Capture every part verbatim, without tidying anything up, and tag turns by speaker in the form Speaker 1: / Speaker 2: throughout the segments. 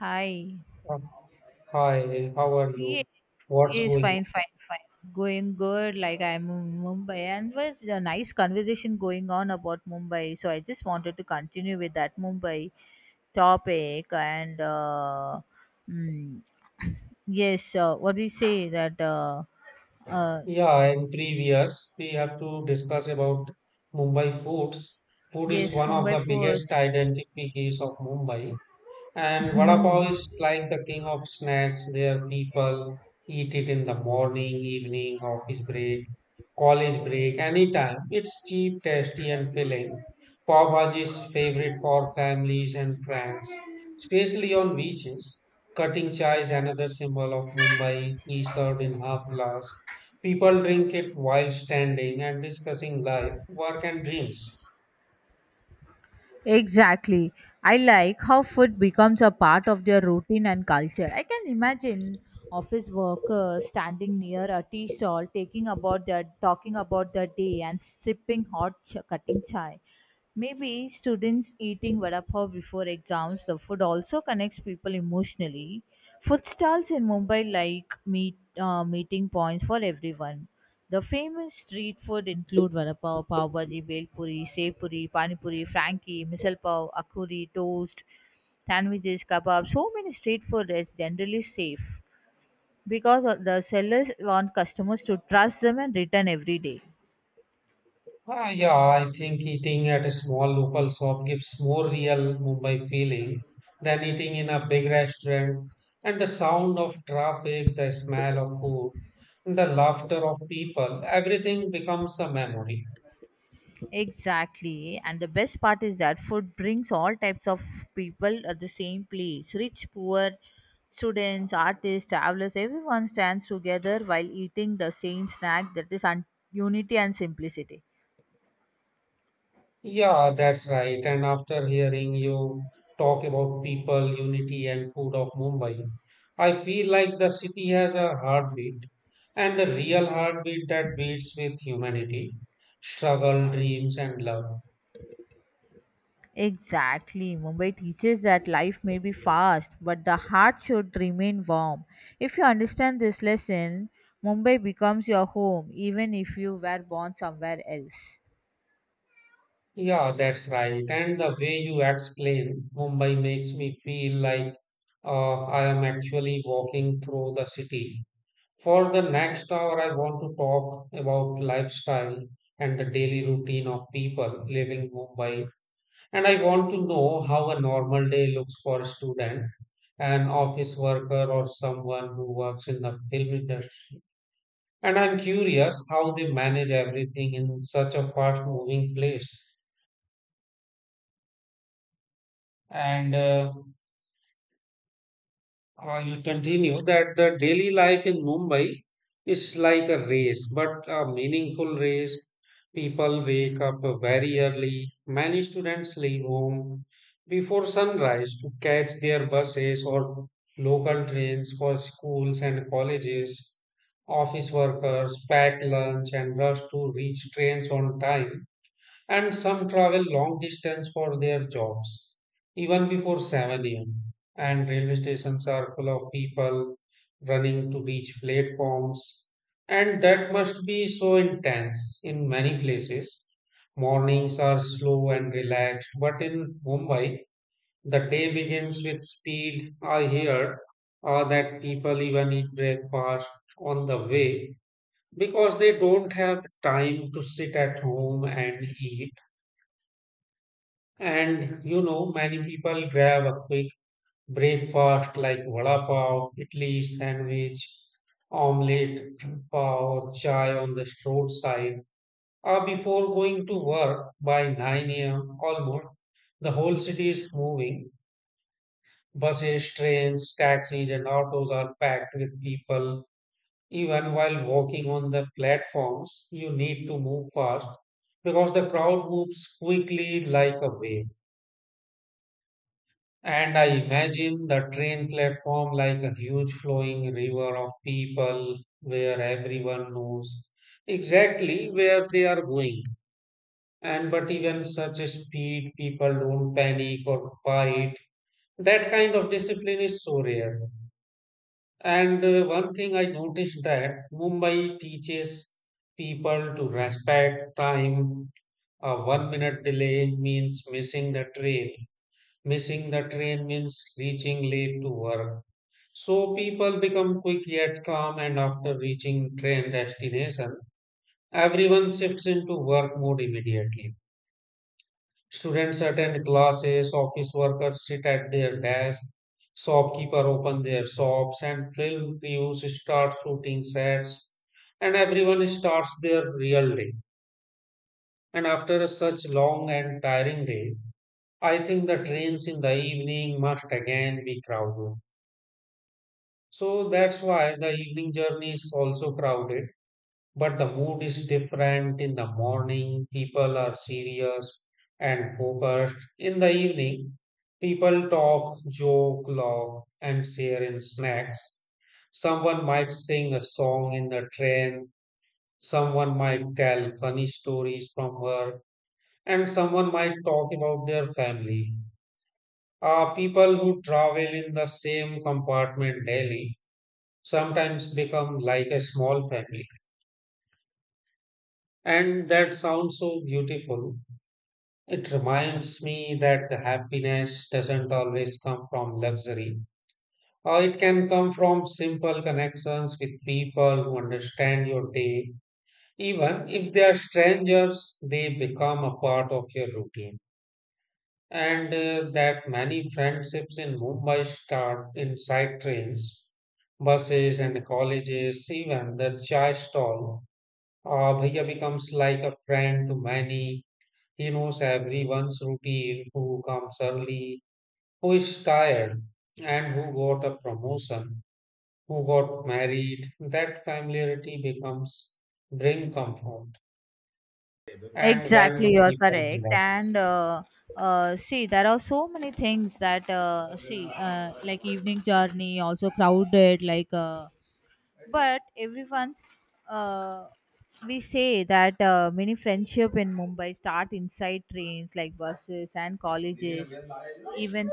Speaker 1: Hi.
Speaker 2: Um, Hi, how are
Speaker 1: Yes,
Speaker 2: you? What's
Speaker 1: yes,
Speaker 2: going on?
Speaker 1: fine, fine, fine. Going good. Like I'm in Mumbai, and was a nice conversation going on about Mumbai. So I just wanted to continue with that Mumbai topic, and uh, mm, yes, uh, what do you say that? Uh, uh,
Speaker 2: Yeah, in previous, we have to discuss about Mumbai foods. Food is
Speaker 1: yes,
Speaker 2: one of
Speaker 1: Mumbai
Speaker 2: the biggest
Speaker 1: first.
Speaker 2: identities of Mumbai. And vada pav
Speaker 1: Hmm.
Speaker 2: is like the king of snacks. There people eat it in the morning, evening, office break, college break, anytime. It's cheap, tasty, and filling. Pav bhaji is favorite for families and friends, especially on beaches. Cutting chai is another symbol of Mumbai, is served in half glass. People drink it while standing and discussing life, work, and dreams.
Speaker 1: Exactly. I like how food becomes a part of their routine and culture. I can imagine office workers standing near a tea stall taking about their talking about their day and sipping hot ch- cutting chai. Maybe students eating vada pav before exams, the food also connects people emotionally. Food stalls in Mumbai like meet uh, meeting points for everyone. The famous street food include vada pav, pav bhaji, bel puri, sev puri, pani puri, frankie, misal pav, akuri, toast, sandwiches, kebab. So many street food is generally safe because of the sellers want customers to trust them and return every day.
Speaker 2: Ah, yeah, I think eating at a small local shop gives more real Mumbai feeling than eating in a big restaurant. And the sound of traffic, the smell of food, and the laughter of people, everything becomes a memory.
Speaker 1: Exactly. And the best part is that food brings all types of people at the same place rich, poor, students, artists, travelers. Everyone stands together while eating the same snack that is un- unity and simplicity.
Speaker 2: Yeah, that's right. And after hearing you talk about people, unity, and food of Mumbai, I feel like the city has a heartbeat and a real heartbeat that beats with humanity, struggle, dreams, and love.
Speaker 1: Exactly. Mumbai teaches that life may be fast, but the heart should remain warm. If you understand this lesson, Mumbai becomes your home, even if you were born somewhere else.
Speaker 2: Yeah, that's right. And the way you explain Mumbai makes me feel like uh, I am actually walking through the city. For the next hour, I want to talk about lifestyle and the daily routine of people living Mumbai. And I want to know how a normal day looks for a student, an office worker, or someone who works in the film industry. And I'm curious how they manage everything in such a fast-moving place. And uh, I will continue that the daily life in Mumbai is like a race, but a meaningful race. People wake up very early. Many students leave home before sunrise to catch their buses or local trains for schools and colleges. Office workers pack lunch and rush to reach trains on time. And some travel long distance for their jobs, even before seven a m. And railway stations are full of people running to reach platforms. And that must be so intense in many places. Mornings are slow and relaxed, but in Mumbai, the day begins with speed. I hear uh, that people even eat breakfast on the way because they don't have time to sit at home and eat, and you know, many people grab a quick breakfast like vada pav, idli, sandwich, omelette, pav, or chai on the roadside, or before going to work by nine a m almost. The whole city is moving. Buses, trains, taxis, and autos are packed with people. Even while walking on the platforms, you need to move fast because the crowd moves quickly like a wave. And I imagine the train platform like a huge flowing river of people where everyone knows exactly where they are going. And but even such a speed, people don't panic or fight. That kind of discipline is so rare. And uh, one thing I noticed that Mumbai teaches people to respect time. A one minute delay means missing the train. Missing the train means reaching late to work. So people become quick yet calm, and after reaching train destination, everyone shifts into work mode immediately. Students attend classes, office workers sit at their desk, shopkeeper open their shops, and film crews start shooting sets, and everyone starts their real day. And after such long and tiring day, I think the trains in the evening must again be crowded. So that's why the evening journey is also crowded, but the mood is different in the morning. People are serious and focused. In the evening, people talk, joke, laugh, and share in snacks. Someone might sing a song in the train. Someone might tell funny stories from work, and someone might talk about their family. Uh, people who travel in the same compartment daily sometimes become like a small family. And that sounds so beautiful. It reminds me that the happiness doesn't always come from luxury, or it can come from simple connections with people who understand your day. Even if they are strangers, they become a part of your routine. And uh, that many friendships in Mumbai start inside trains, buses, and colleges, even the chai stall. Uh, Bhaiya becomes like a friend to many. He knows everyone's routine, who comes early, who is tired, and who got a promotion, who got married. That familiarity becomes bring comfort. And when do
Speaker 1: Exactly, you're
Speaker 2: people
Speaker 1: correct. And
Speaker 2: relax?
Speaker 1: uh, uh, see, there are so many things that uh, see, uh, like evening journey, also crowded. Like, uh, but everyone's. Uh, we say that uh, many friendship in Mumbai start inside trains, like buses and colleges, even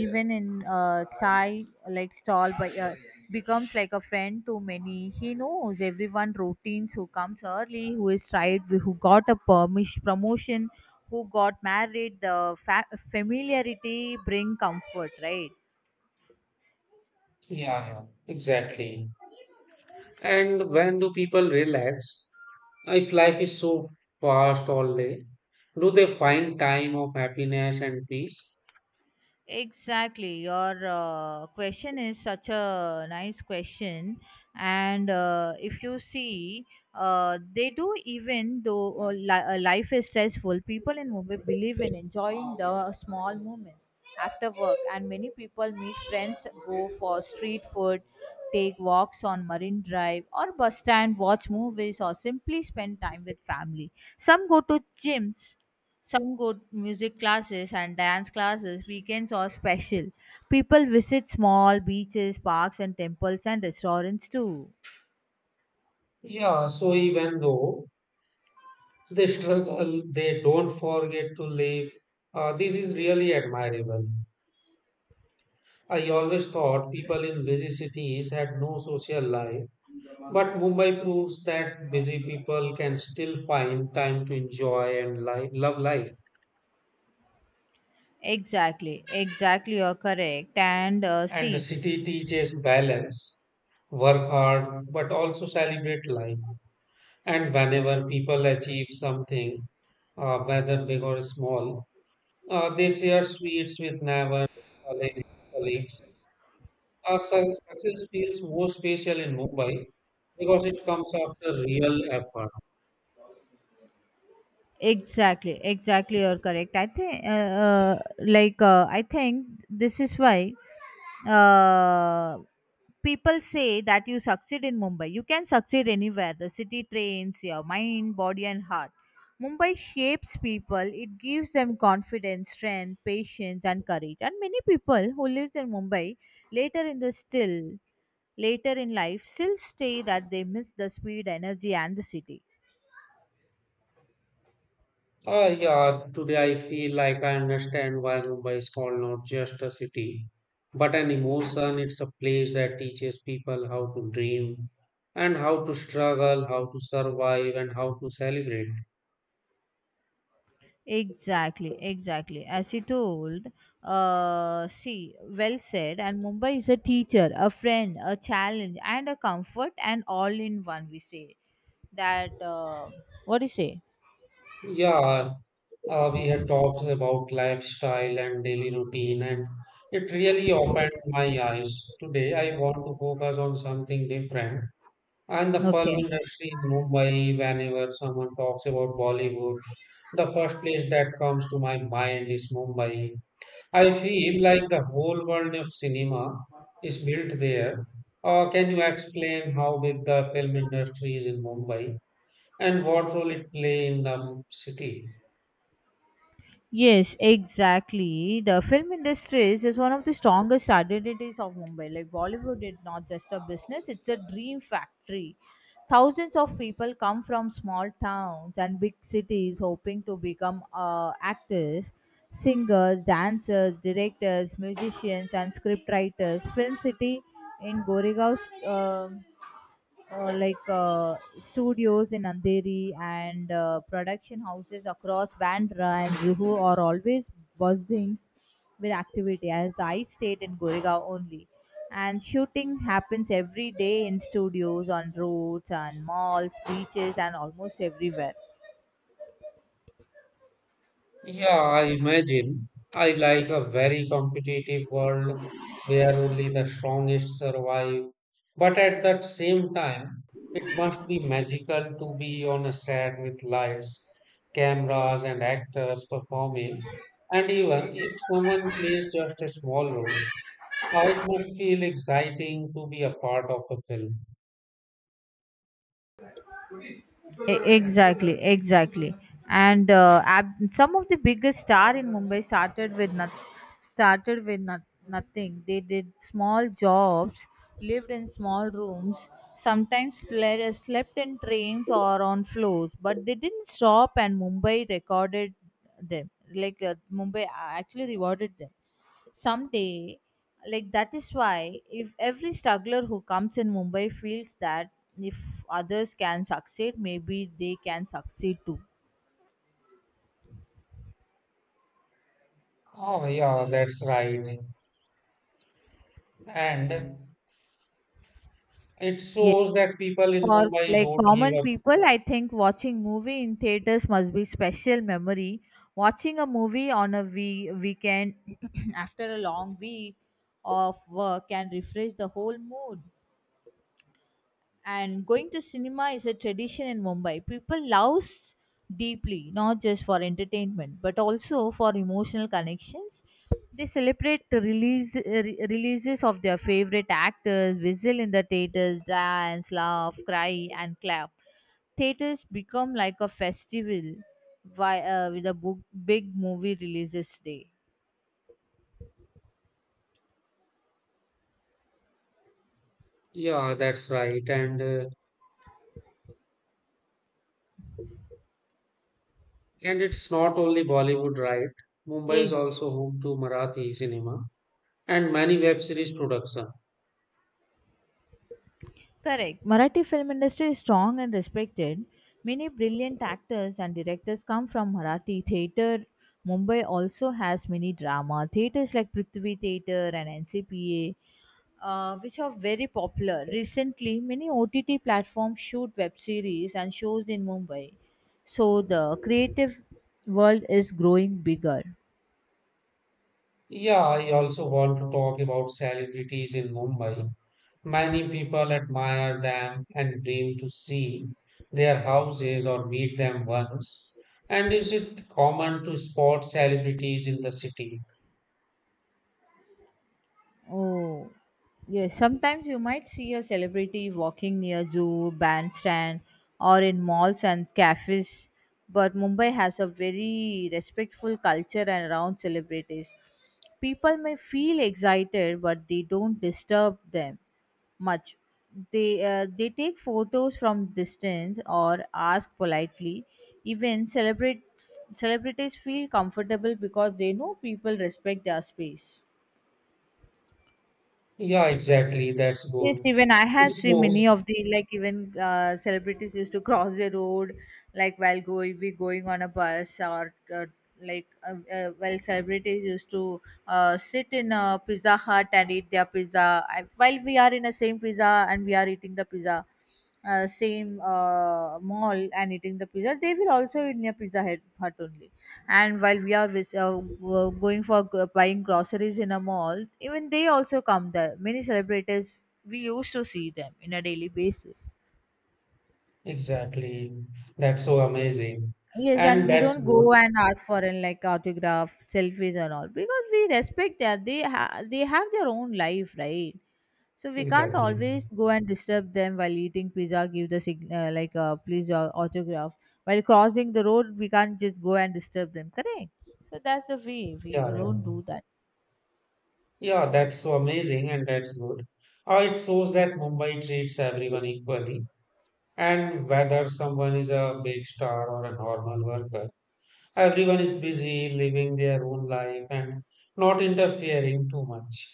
Speaker 1: even in a chai like stall but uh, becomes like a friend to many. He knows everyone routines, who comes early, who is tried, who got a permission promotion, who got married. The fa- familiarity bring comfort, right?
Speaker 2: Yeah, yeah, exactly. And when do people relax? If life is so fast all day, do they find time of happiness and peace?
Speaker 1: Exactly. Your uh, question is such a nice question. And uh, if you see, uh, they do. Even though uh, li- uh, life is stressful, people in Mumbai believe in enjoying the small moments after work. And many people meet friends, go for street food, take walks on Marine Drive or bus stand, watch movies, or simply spend time with family. Some go to gyms, some go to music classes and dance classes. Weekends are special. People visit small beaches, parks, and temples and restaurants too.
Speaker 2: Yeah, so even though they struggle, they don't forget to live. Uh, this is really admirable. I always thought people in busy cities had no social life, but Mumbai proves that busy people can still find time to enjoy and li- love life.
Speaker 1: Exactly, exactly, you're correct. And uh,
Speaker 2: And the
Speaker 1: see,
Speaker 2: city teaches balance, work hard, but also celebrate life. And whenever people achieve something, uh, whether big or small, uh, they share sweets with neighbors, colleagues, colleagues Uh, su- success feels more special in Mumbai because it comes after real effort.
Speaker 1: exactly, exactly, you're correct. I think, uh, uh, like, uh, I think this is why uh, people say that you succeed in Mumbai. You can succeed anywhere. The city trains your mind, body, and heart. Mumbai shapes people, it gives them confidence, strength, patience, and courage. And many people who lived in Mumbai later in the still later in life still say that they miss the speed, energy, and the city.
Speaker 2: Uh, yeah, today I feel like I understand why Mumbai is called not just a city, but an emotion. It's a place that teaches people how to dream and how to struggle, how to survive, and how to celebrate.
Speaker 1: Exactly, exactly. As he told, uh, see, well said. And Mumbai is a teacher, a friend, a challenge, and a comfort, and all in one. We say that. Uh, what do you say?
Speaker 2: Yeah, uh, we had talked about lifestyle and daily routine, and it really opened my eyes. Today I want to focus on something different. And the film
Speaker 1: Okay.
Speaker 2: industry in Mumbai, whenever someone talks about Bollywood, the first place that comes to my mind is Mumbai. I feel like the whole world of cinema is built there. Uh, can you explain how big the film industry is in Mumbai and what role it play in the city?
Speaker 1: Yes, exactly. The film industry is, is one of the strongest identities of Mumbai. Like Bollywood is not just a business, it's a dream factory. Thousands of people come from small towns and big cities hoping to become uh, actors, singers, dancers, directors, musicians, and scriptwriters. Film City in Goregaon. um uh, like uh, studios in Andheri and uh, production houses across Bandra and Juhu are always buzzing with activity, as I stayed in Goregaon only. And shooting happens every day in studios, on roads, on malls, beaches, and almost everywhere.
Speaker 2: Yeah, I imagine. I like a very competitive world where only the strongest survive. But at that same time, it must be magical to be on a set with lights, cameras, and actors performing. And even if someone plays just a small role, uh, it must feel exciting to be a part of a film.
Speaker 1: E- exactly exactly and uh, ab- some of the biggest star in Mumbai started with not- started with not- nothing. They did small jobs, lived in small rooms, sometimes sle- slept in trains or on floors, but they didn't stop. And Mumbai recorded them. Like uh, Mumbai uh, actually rewarded them someday. Like, that is why if every struggler who comes in Mumbai feels that if others can succeed, maybe they can succeed too.
Speaker 2: Oh, yeah, that's right. And it
Speaker 1: Yes.
Speaker 2: shows that people in
Speaker 1: For
Speaker 2: Mumbai
Speaker 1: like
Speaker 2: don't give
Speaker 1: common
Speaker 2: up.
Speaker 1: people, I think watching movie in theaters must be special memory. Watching a movie on a wee- weekend after a long week of work can refresh the whole mood. And going to cinema is a tradition in Mumbai. People loves deeply, not just for entertainment but also for emotional connections. They celebrate the release uh, re- releases of their favorite actors, whistle in the theaters, dance, laugh, cry, and clap. Theaters become like a festival why, uh, with a book, big movie releases day.
Speaker 2: Yeah, that's right. And uh, and it's not only Bollywood, right? Mumbai is
Speaker 1: Yes.
Speaker 2: also home to Marathi cinema and many web series production.
Speaker 1: Correct. Marathi film industry is strong and respected. Many brilliant actors and directors come from Marathi theatre. Mumbai also has many drama theatres like Prithvi Theatre and N C P A, uh, which are very popular. Recently, many O T T platforms shoot web series and shows in Mumbai. So the creative world is growing bigger.
Speaker 2: Yeah, I also want to talk about celebrities in Mumbai. Many people admire them and dream to see their houses or meet them once. And is it common to spot celebrities in the city?
Speaker 1: Oh, yes. Sometimes you might see a celebrity walking near zoo, bandstand, or in malls and cafes. But Mumbai has a very respectful culture and around celebrities. People may feel excited, but they don't disturb them much. They uh, they take photos from distance or ask politely. Even celebrate celebrities feel comfortable because they know people respect their space.
Speaker 2: Yeah, exactly. That's
Speaker 1: Yes,
Speaker 2: good.
Speaker 1: even I
Speaker 2: It
Speaker 1: had seen many
Speaker 2: shows.
Speaker 1: of the like even uh, celebrities used to cross the road, like while going we going on a bus or uh, like uh, uh, while celebrities used to uh, sit in a Pizza Hut and eat their pizza. I, while we are in the same pizza and we are eating the pizza, uh, same uh, mall and eating the pizza, they will also eat near pizza hut, hut only. And while we are vis- uh, w- going for g- buying groceries in a mall, even they also come there. Many celebrities we used to see them in a daily basis.
Speaker 2: Exactly. That's so amazing.
Speaker 1: Yes, and
Speaker 2: And
Speaker 1: we
Speaker 2: that's
Speaker 1: don't go
Speaker 2: good.
Speaker 1: and ask for an like autograph, selfies, and all because we respect that they ha- they have their own life, right? So we can't
Speaker 2: Exactly.
Speaker 1: always go and disturb them while eating pizza, give the sig- uh, like uh, please uh, autograph. While crossing the road, we can't just go and disturb them, correct? So that's the way we
Speaker 2: Yeah, yeah.
Speaker 1: don't do that.
Speaker 2: Yeah, that's so amazing and that's good. Uh, it shows that Mumbai treats everyone equally. And whether someone is a big star or a normal worker, everyone is busy living their own life and not interfering too much.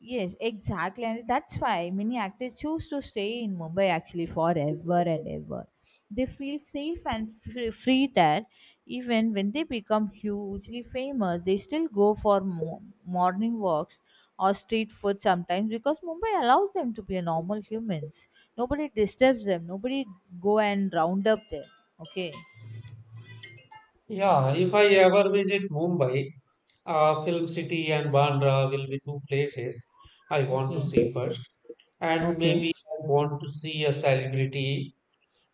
Speaker 1: Yes, exactly. And that's why many actors choose to stay in Mumbai actually forever and ever. They feel safe and fr- free there. Even when they become hugely famous, they still go for mo- morning walks or street food sometimes because Mumbai allows them to be a normal humans. Nobody disturbs them. Nobody go and round up them. Okay.
Speaker 2: Yeah, if I ever visit Mumbai, uh, Film City and Bandra will be two places I want to
Speaker 1: Okay.
Speaker 2: see first. And
Speaker 1: Okay.
Speaker 2: maybe I want to see a celebrity,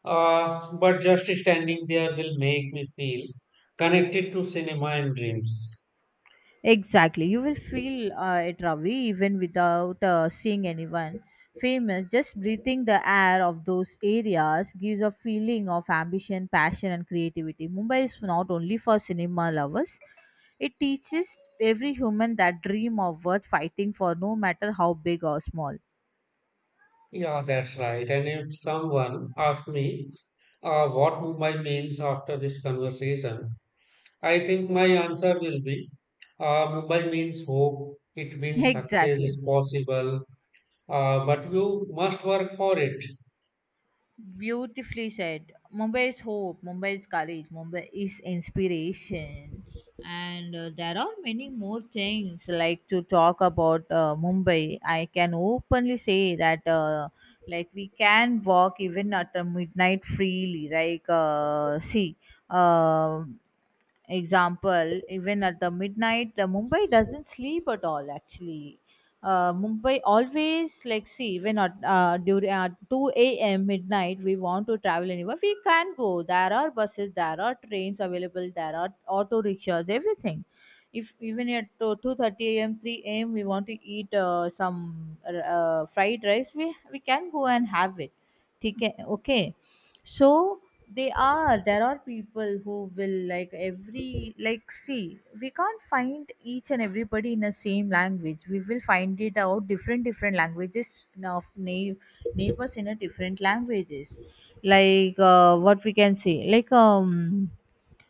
Speaker 2: uh, but just standing there will make me feel connected to cinema and dreams.
Speaker 1: Exactly. You will feel uh, it, Ravi, even without uh, seeing anyone famous. Just breathing the air of those areas gives a feeling of ambition, passion, and creativity. Mumbai is not only for cinema lovers, it teaches every human that dream of worth fighting for, no matter how big or small.
Speaker 2: Yeah, that's right. And if someone asked me uh, what Mumbai means after this conversation, I think my answer will be uh, Mumbai means hope, it means success
Speaker 1: Exactly.
Speaker 2: is possible, uh, but you must work for it.
Speaker 1: Beautifully said. Mumbai is hope, Mumbai is courage, Mumbai is inspiration. And uh, there are many more things like to talk about uh, Mumbai. I can openly say that uh, like, we can walk even at uh, midnight freely. Like uh, see, uh, example, even at the midnight, the Mumbai doesn't sleep at all. Actually, uh, Mumbai always, like, see, when at uh, during uh, two a m midnight, we want to travel anywhere, we can go. There are buses, there are trains available, there are auto rickshaws, everything. If even at two thirty a m, three a.m, we want to eat uh, some uh, uh, fried rice, we we can go and have it. Okay, okay. So they are there are people who will, like, every like, see, we can't find each and everybody in the same language. We will find it out different different languages now of na- neighbors in a different languages. Like uh, what we can say, like, um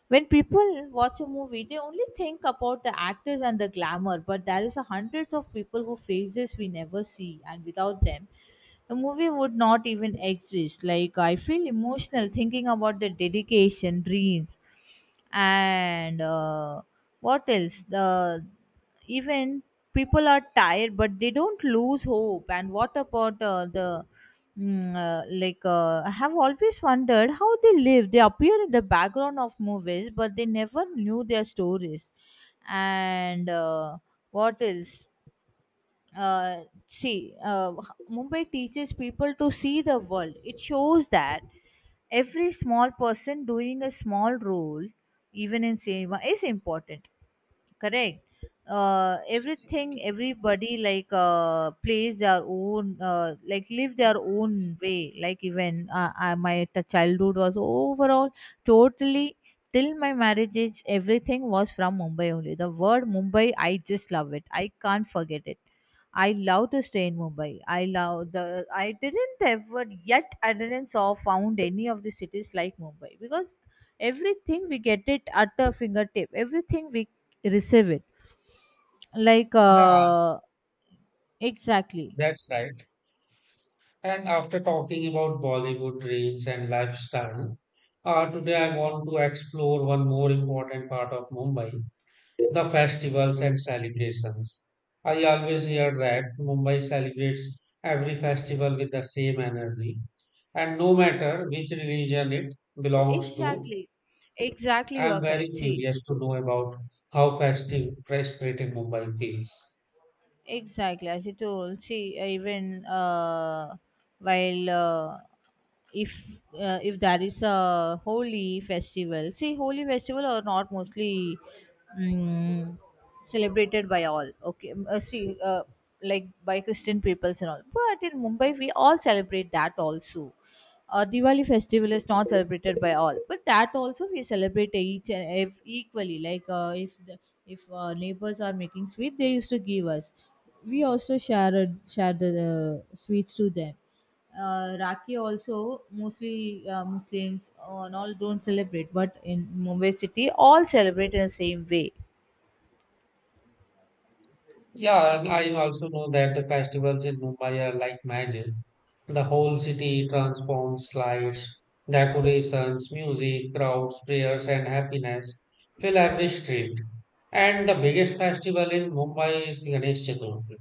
Speaker 1: when people watch a movie, they only think about the actors and the glamour, but there is a hundreds of people who faces we never see. And without them, the movie would not even exist. Like, I feel emotional thinking about the dedication, dreams, and uh, what else, the even people are tired, but they don't lose hope. And what about uh, the, mm, uh, like uh, I have always wondered how they live. They appear in the background of movies, but they never knew their stories. And uh, what else, uh, see, uh, Mumbai teaches people to see the world. It shows that every small person doing a small role, even in cinema, is important. Correct. Uh, everything, everybody, like, uh, plays their own, uh, like, live their own way. Like even uh, I, my t- childhood was overall totally till my marriage age, everything was from Mumbai only. The word Mumbai, I just love it. I can't forget it. I love to stay in Mumbai. I love the. I didn't ever yet. I didn't saw found any of the cities like Mumbai because everything we get it at a fingertip. Everything we receive it. Like
Speaker 2: Yeah,
Speaker 1: uh, exactly,
Speaker 2: that's right. And after talking about Bollywood dreams and lifestyle, uh, today I want to explore one more important part of Mumbai: the festivals and celebrations. I always hear that Mumbai celebrates every festival with the same energy, and no matter which religion it belongs to,
Speaker 1: exactly, exactly.
Speaker 2: I
Speaker 1: You
Speaker 2: am
Speaker 1: are
Speaker 2: very
Speaker 1: correct. See,
Speaker 2: curious to know about how festive Fresh Spirit in Mumbai feels.
Speaker 1: exactly, as you told, see, uh, even uh, while uh, if uh, if there is a holy festival. See, holy festival are not mostly mm, celebrated by all. Okay. Mm, uh, see, uh, like by Christian peoples and all, but in Mumbai we all celebrate that also. uh, Diwali festival is not celebrated by all, but that also we celebrate each and if equally. Like uh, if the, if uh, neighbors are making sweet, they used to give us. We also share a- share the uh, sweets to them. Uh, Rakhi also mostly uh, Muslims uh, and all don't celebrate, but in Mumbai city, all celebrate in the same way.
Speaker 2: Yeah, and I also know that the festivals in Mumbai are like magic. The whole city transforms, lights, decorations, music, crowds, prayers, and happiness fill every street. And the biggest festival in Mumbai is Ganesh Chaturthi.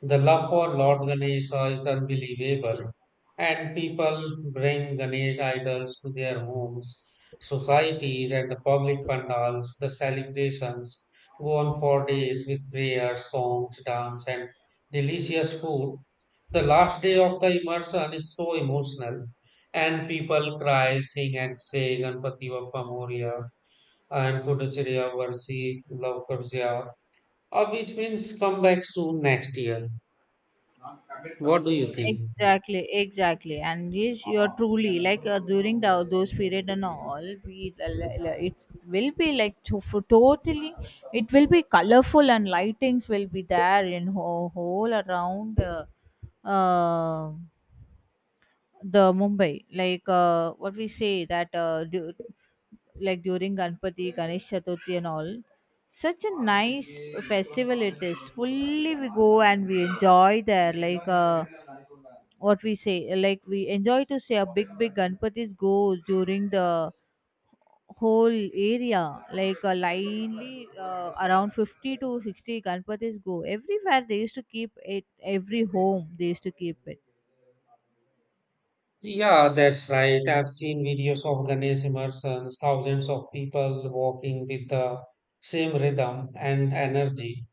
Speaker 2: The love for Lord Ganesha is unbelievable, and people bring Ganesh idols to their homes, societies, and the public pandals. The celebrations go on for days with prayers, songs, dance, and delicious food. The last day of the immersion is so emotional, and people cry, sing, and say Ganpati Bappa Moria and Puducherya Varsi Love, uh, which means come back soon next year. What do you think?
Speaker 1: Exactly, exactly, and yes, you're truly, like uh, during the, those period and all, we it will be like to, for totally it will be colorful and lightings will be there in whole, whole around uh, uh, the mumbai. Like uh, what we say, that uh, du- like during Ganpati, Ganesh Chaturthi, and all. Such a nice festival it is. Fully we go and we enjoy there. Like uh, what we say, like we enjoy to say, a big big ganpatis go during the whole area like a linely uh, around fifty to sixty ganpatis go everywhere. They used to keep it every home they used to keep
Speaker 2: Yeah, that's right. I've seen videos of Ganesh immersions, thousands of people walking with the same rhythm and energy.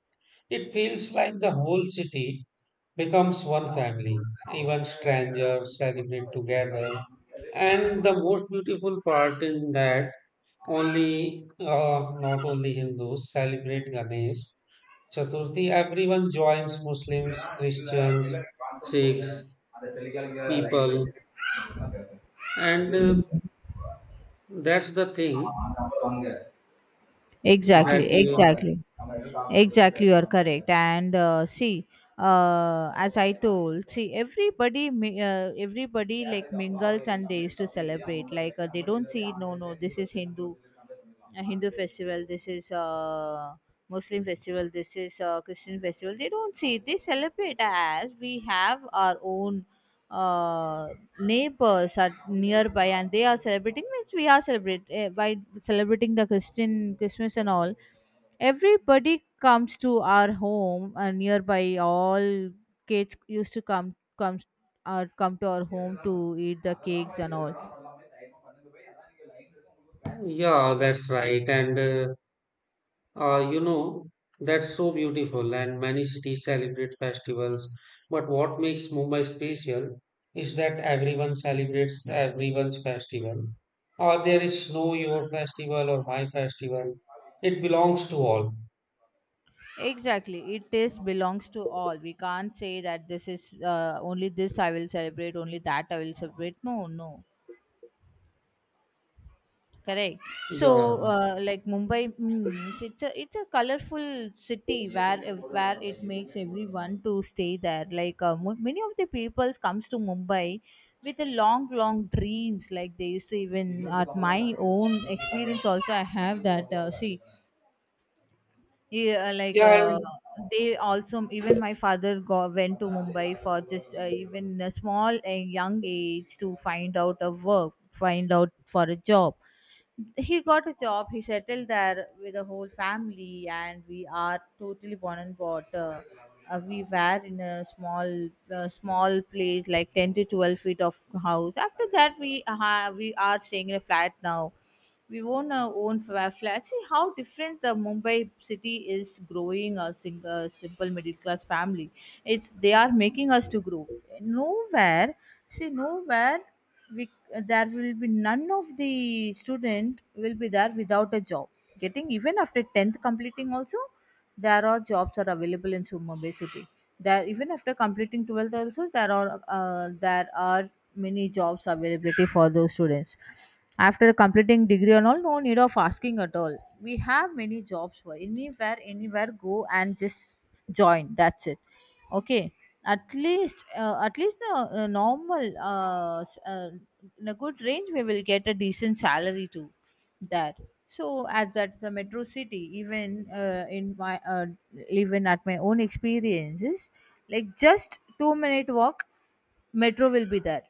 Speaker 2: It feels like the whole city becomes one family. Even strangers celebrate together. And the most beautiful part in that, only uh, not only Hindus celebrate Ganesh Chaturthi. Everyone joins Muslims, Christians, Sikhs, people. And uh, That's the thing
Speaker 1: it.
Speaker 2: that,
Speaker 1: Exactly,
Speaker 2: uh,
Speaker 1: exactly, exactly, you are correct. And uh, see, uh, as I told, see, everybody mi- uh, everybody like mingles and they used to celebrate. Like uh, they don't see, no no, this is hindu a hindu festival, this is uh, muslim festival, this is uh, christian festival. They don't see, they celebrate. As we have our own uh, neighbors are nearby and they are celebrating, means we are celebrate uh, by celebrating the christian christmas and all, everybody comes to our home. Uh, nearby all kids used to come comes or come to our home to eat the cakes and all.
Speaker 2: yeah, that's right. And uh, uh, you know, that's so beautiful. And many cities celebrate festivals. But what makes Mumbai special is that everyone celebrates everyone's festival. Or there is no your festival or my festival. It belongs to all.
Speaker 1: Exactly, it is belongs to all. We can't say that this is uh, only this I will celebrate, only that I will celebrate. No no. Correct. So,
Speaker 2: Yeah.
Speaker 1: uh, like Mumbai means, it's a it's a colorful city where where it makes everyone to stay there. Like uh, mo- many of the peoples comes to Mumbai with a long, long dreams. Like they used to, even at my own experience also I have that. Uh, see, yeah, uh, like
Speaker 2: Yeah,
Speaker 1: uh,
Speaker 2: and-
Speaker 1: they also, even my father go, went to Mumbai for just uh, even a small uh, young age to find out a work, find out for a job. He got a job, he settled there with the whole family, and we are totally born and bought uh, uh, we were in a small uh, small place like ten to twelve feet of house. After that we uh, we are staying in a flat now. We own our own fa- flat. See how different the mumbai city is growing. A single simple middle class family, it's they are making us to grow. Nowhere, see, nowhere we, there will be none of the student will be there without a job, getting even after tenth completing also. There are jobs are available in Su- Mumbai city. There, even after completing twelfth also, there are uh, there are many jobs availability for those students. After completing degree and all, no need of asking at all. We have many jobs for anywhere. Anywhere go and just join, that's it. Okay. At least uh, at least the uh, normal uh, s- uh, in a good range, we will get a decent salary too. That, so at that the metro city, even uh, in my uh, even at my own experiences, like just two minute walk metro will be there.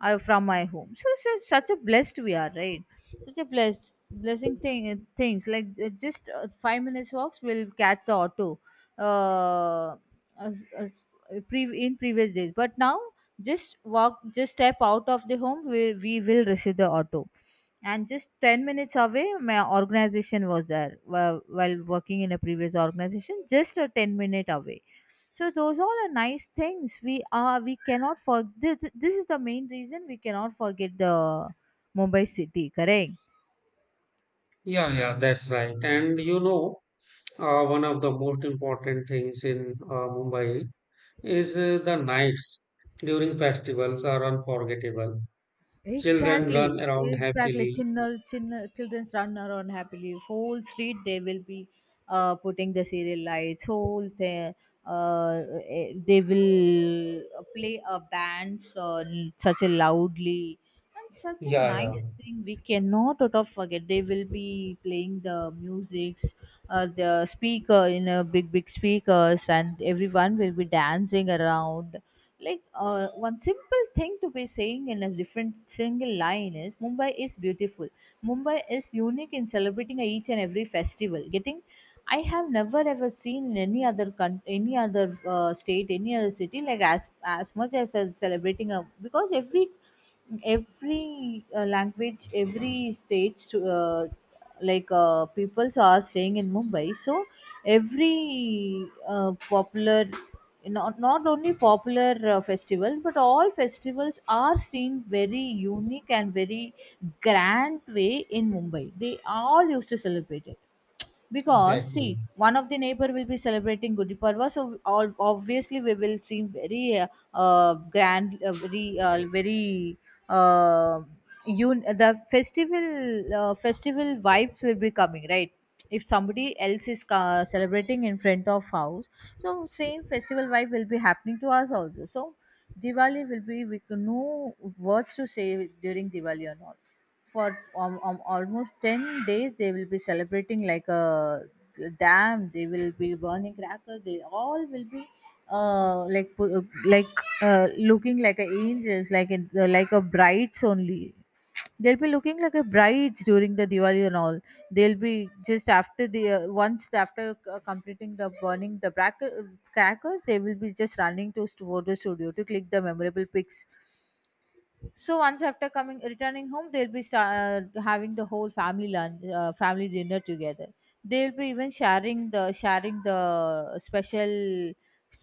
Speaker 1: I, from my home. So such, such a blessed we are, right? Such a blessed blessing thing things like, uh, just uh, five minutes walks will catch the auto. Uh, as, as pre- in previous days, but now just walk, just step out of the home, we we will receive the auto. And just ten minutes away, my organization was there. while, while working in a previous organization, just a ten minute away. So those all are nice things. We are, we cannot forget this, this is the main reason we cannot forget the mumbai city. Correct.
Speaker 2: yeah, yeah, that's right. And you know, uh, one of the most important things in uh, Mumbai is uh, the nights during festivals are unforgettable. Children run
Speaker 1: Exactly,
Speaker 2: around
Speaker 1: exactly.
Speaker 2: happily.
Speaker 1: Children, children run around happily. Whole street they will be uh, putting the serial lights. Whole they uh, eh, they will play a band, so such a loudly and such a
Speaker 2: Yeah,
Speaker 1: nice
Speaker 2: yeah,
Speaker 1: thing. We cannot out of forget. They will be playing the musics, uh, the speaker in a big big speakers, and everyone will be dancing around. Like uh, one simple thing to be saying in a different single line is, mumbai is beautiful. Mumbai is unique in celebrating each and every festival getting. I have never ever seen in any other con- any other uh, state, any other city, like as as much as uh, celebrating. A because every every uh, language, every state uh, like uh, peoples are staying in mumbai. So every uh, popular, not, not only popular uh, festivals, but all festivals are seen very unique and very grand way in mumbai. They all used to celebrate it, because
Speaker 2: exactly.
Speaker 1: see, one of the neighbor will be celebrating gudi parva. So all, obviously, we will seem very uh, uh, grand, uh, very uh, very uh, un- the festival uh, festival vibes will be coming, right? If somebody else is uh, celebrating in front of house, so same festival vibe will be happening to us also. So diwali will be, we can no words to say during diwali. Or not, for um, um, almost ten days they will be celebrating like a dam. They will be burning crackers. They all will be uh, like pu- like uh, looking like a angels, like in, uh, like a brides only. They'll be looking like a brides during the diwali and all. They'll be just after the, uh, once after uh, completing the burning the bracket, crackers, they will be just running to st- photo studio to click the memorable pics. So once after coming returning home, they'll be sta- uh, having the whole family lunch, uh, family dinner together. They'll be even sharing the sharing the special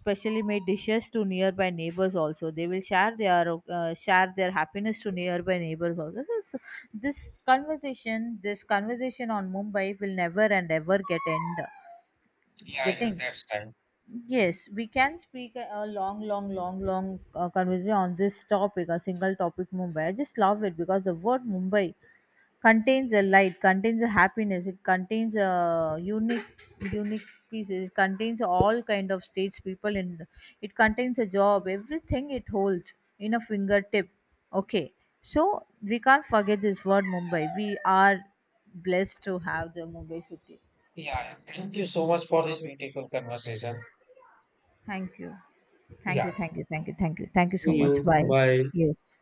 Speaker 1: specially made dishes to nearby neighbors also. They will share their uh, share their happiness to nearby neighbors also. So it's, this conversation, this conversation on Mumbai will never and ever get end
Speaker 2: Yeah, yeah,
Speaker 1: getting.
Speaker 2: that's right.
Speaker 1: Yes, we can speak a a long, long, long, long uh, conversation on this topic, a single topic, Mumbai. I just love it, because the word Mumbai contains a light, contains a happiness, it contains a unique, unique pieces, it contains all kind of states, people in, it contains a job, everything it holds in a fingertip. Okay, so we can't forget this word Mumbai. We are blessed to have the Mumbai city.
Speaker 2: Yeah, yeah. Thank you so much for this beautiful conversation.
Speaker 1: Thank you. Thank
Speaker 2: Yeah.
Speaker 1: you. Thank you. Thank you. Thank you. Thank you so
Speaker 2: See
Speaker 1: much.
Speaker 2: you.
Speaker 1: Bye.
Speaker 2: Bye.
Speaker 1: Yes.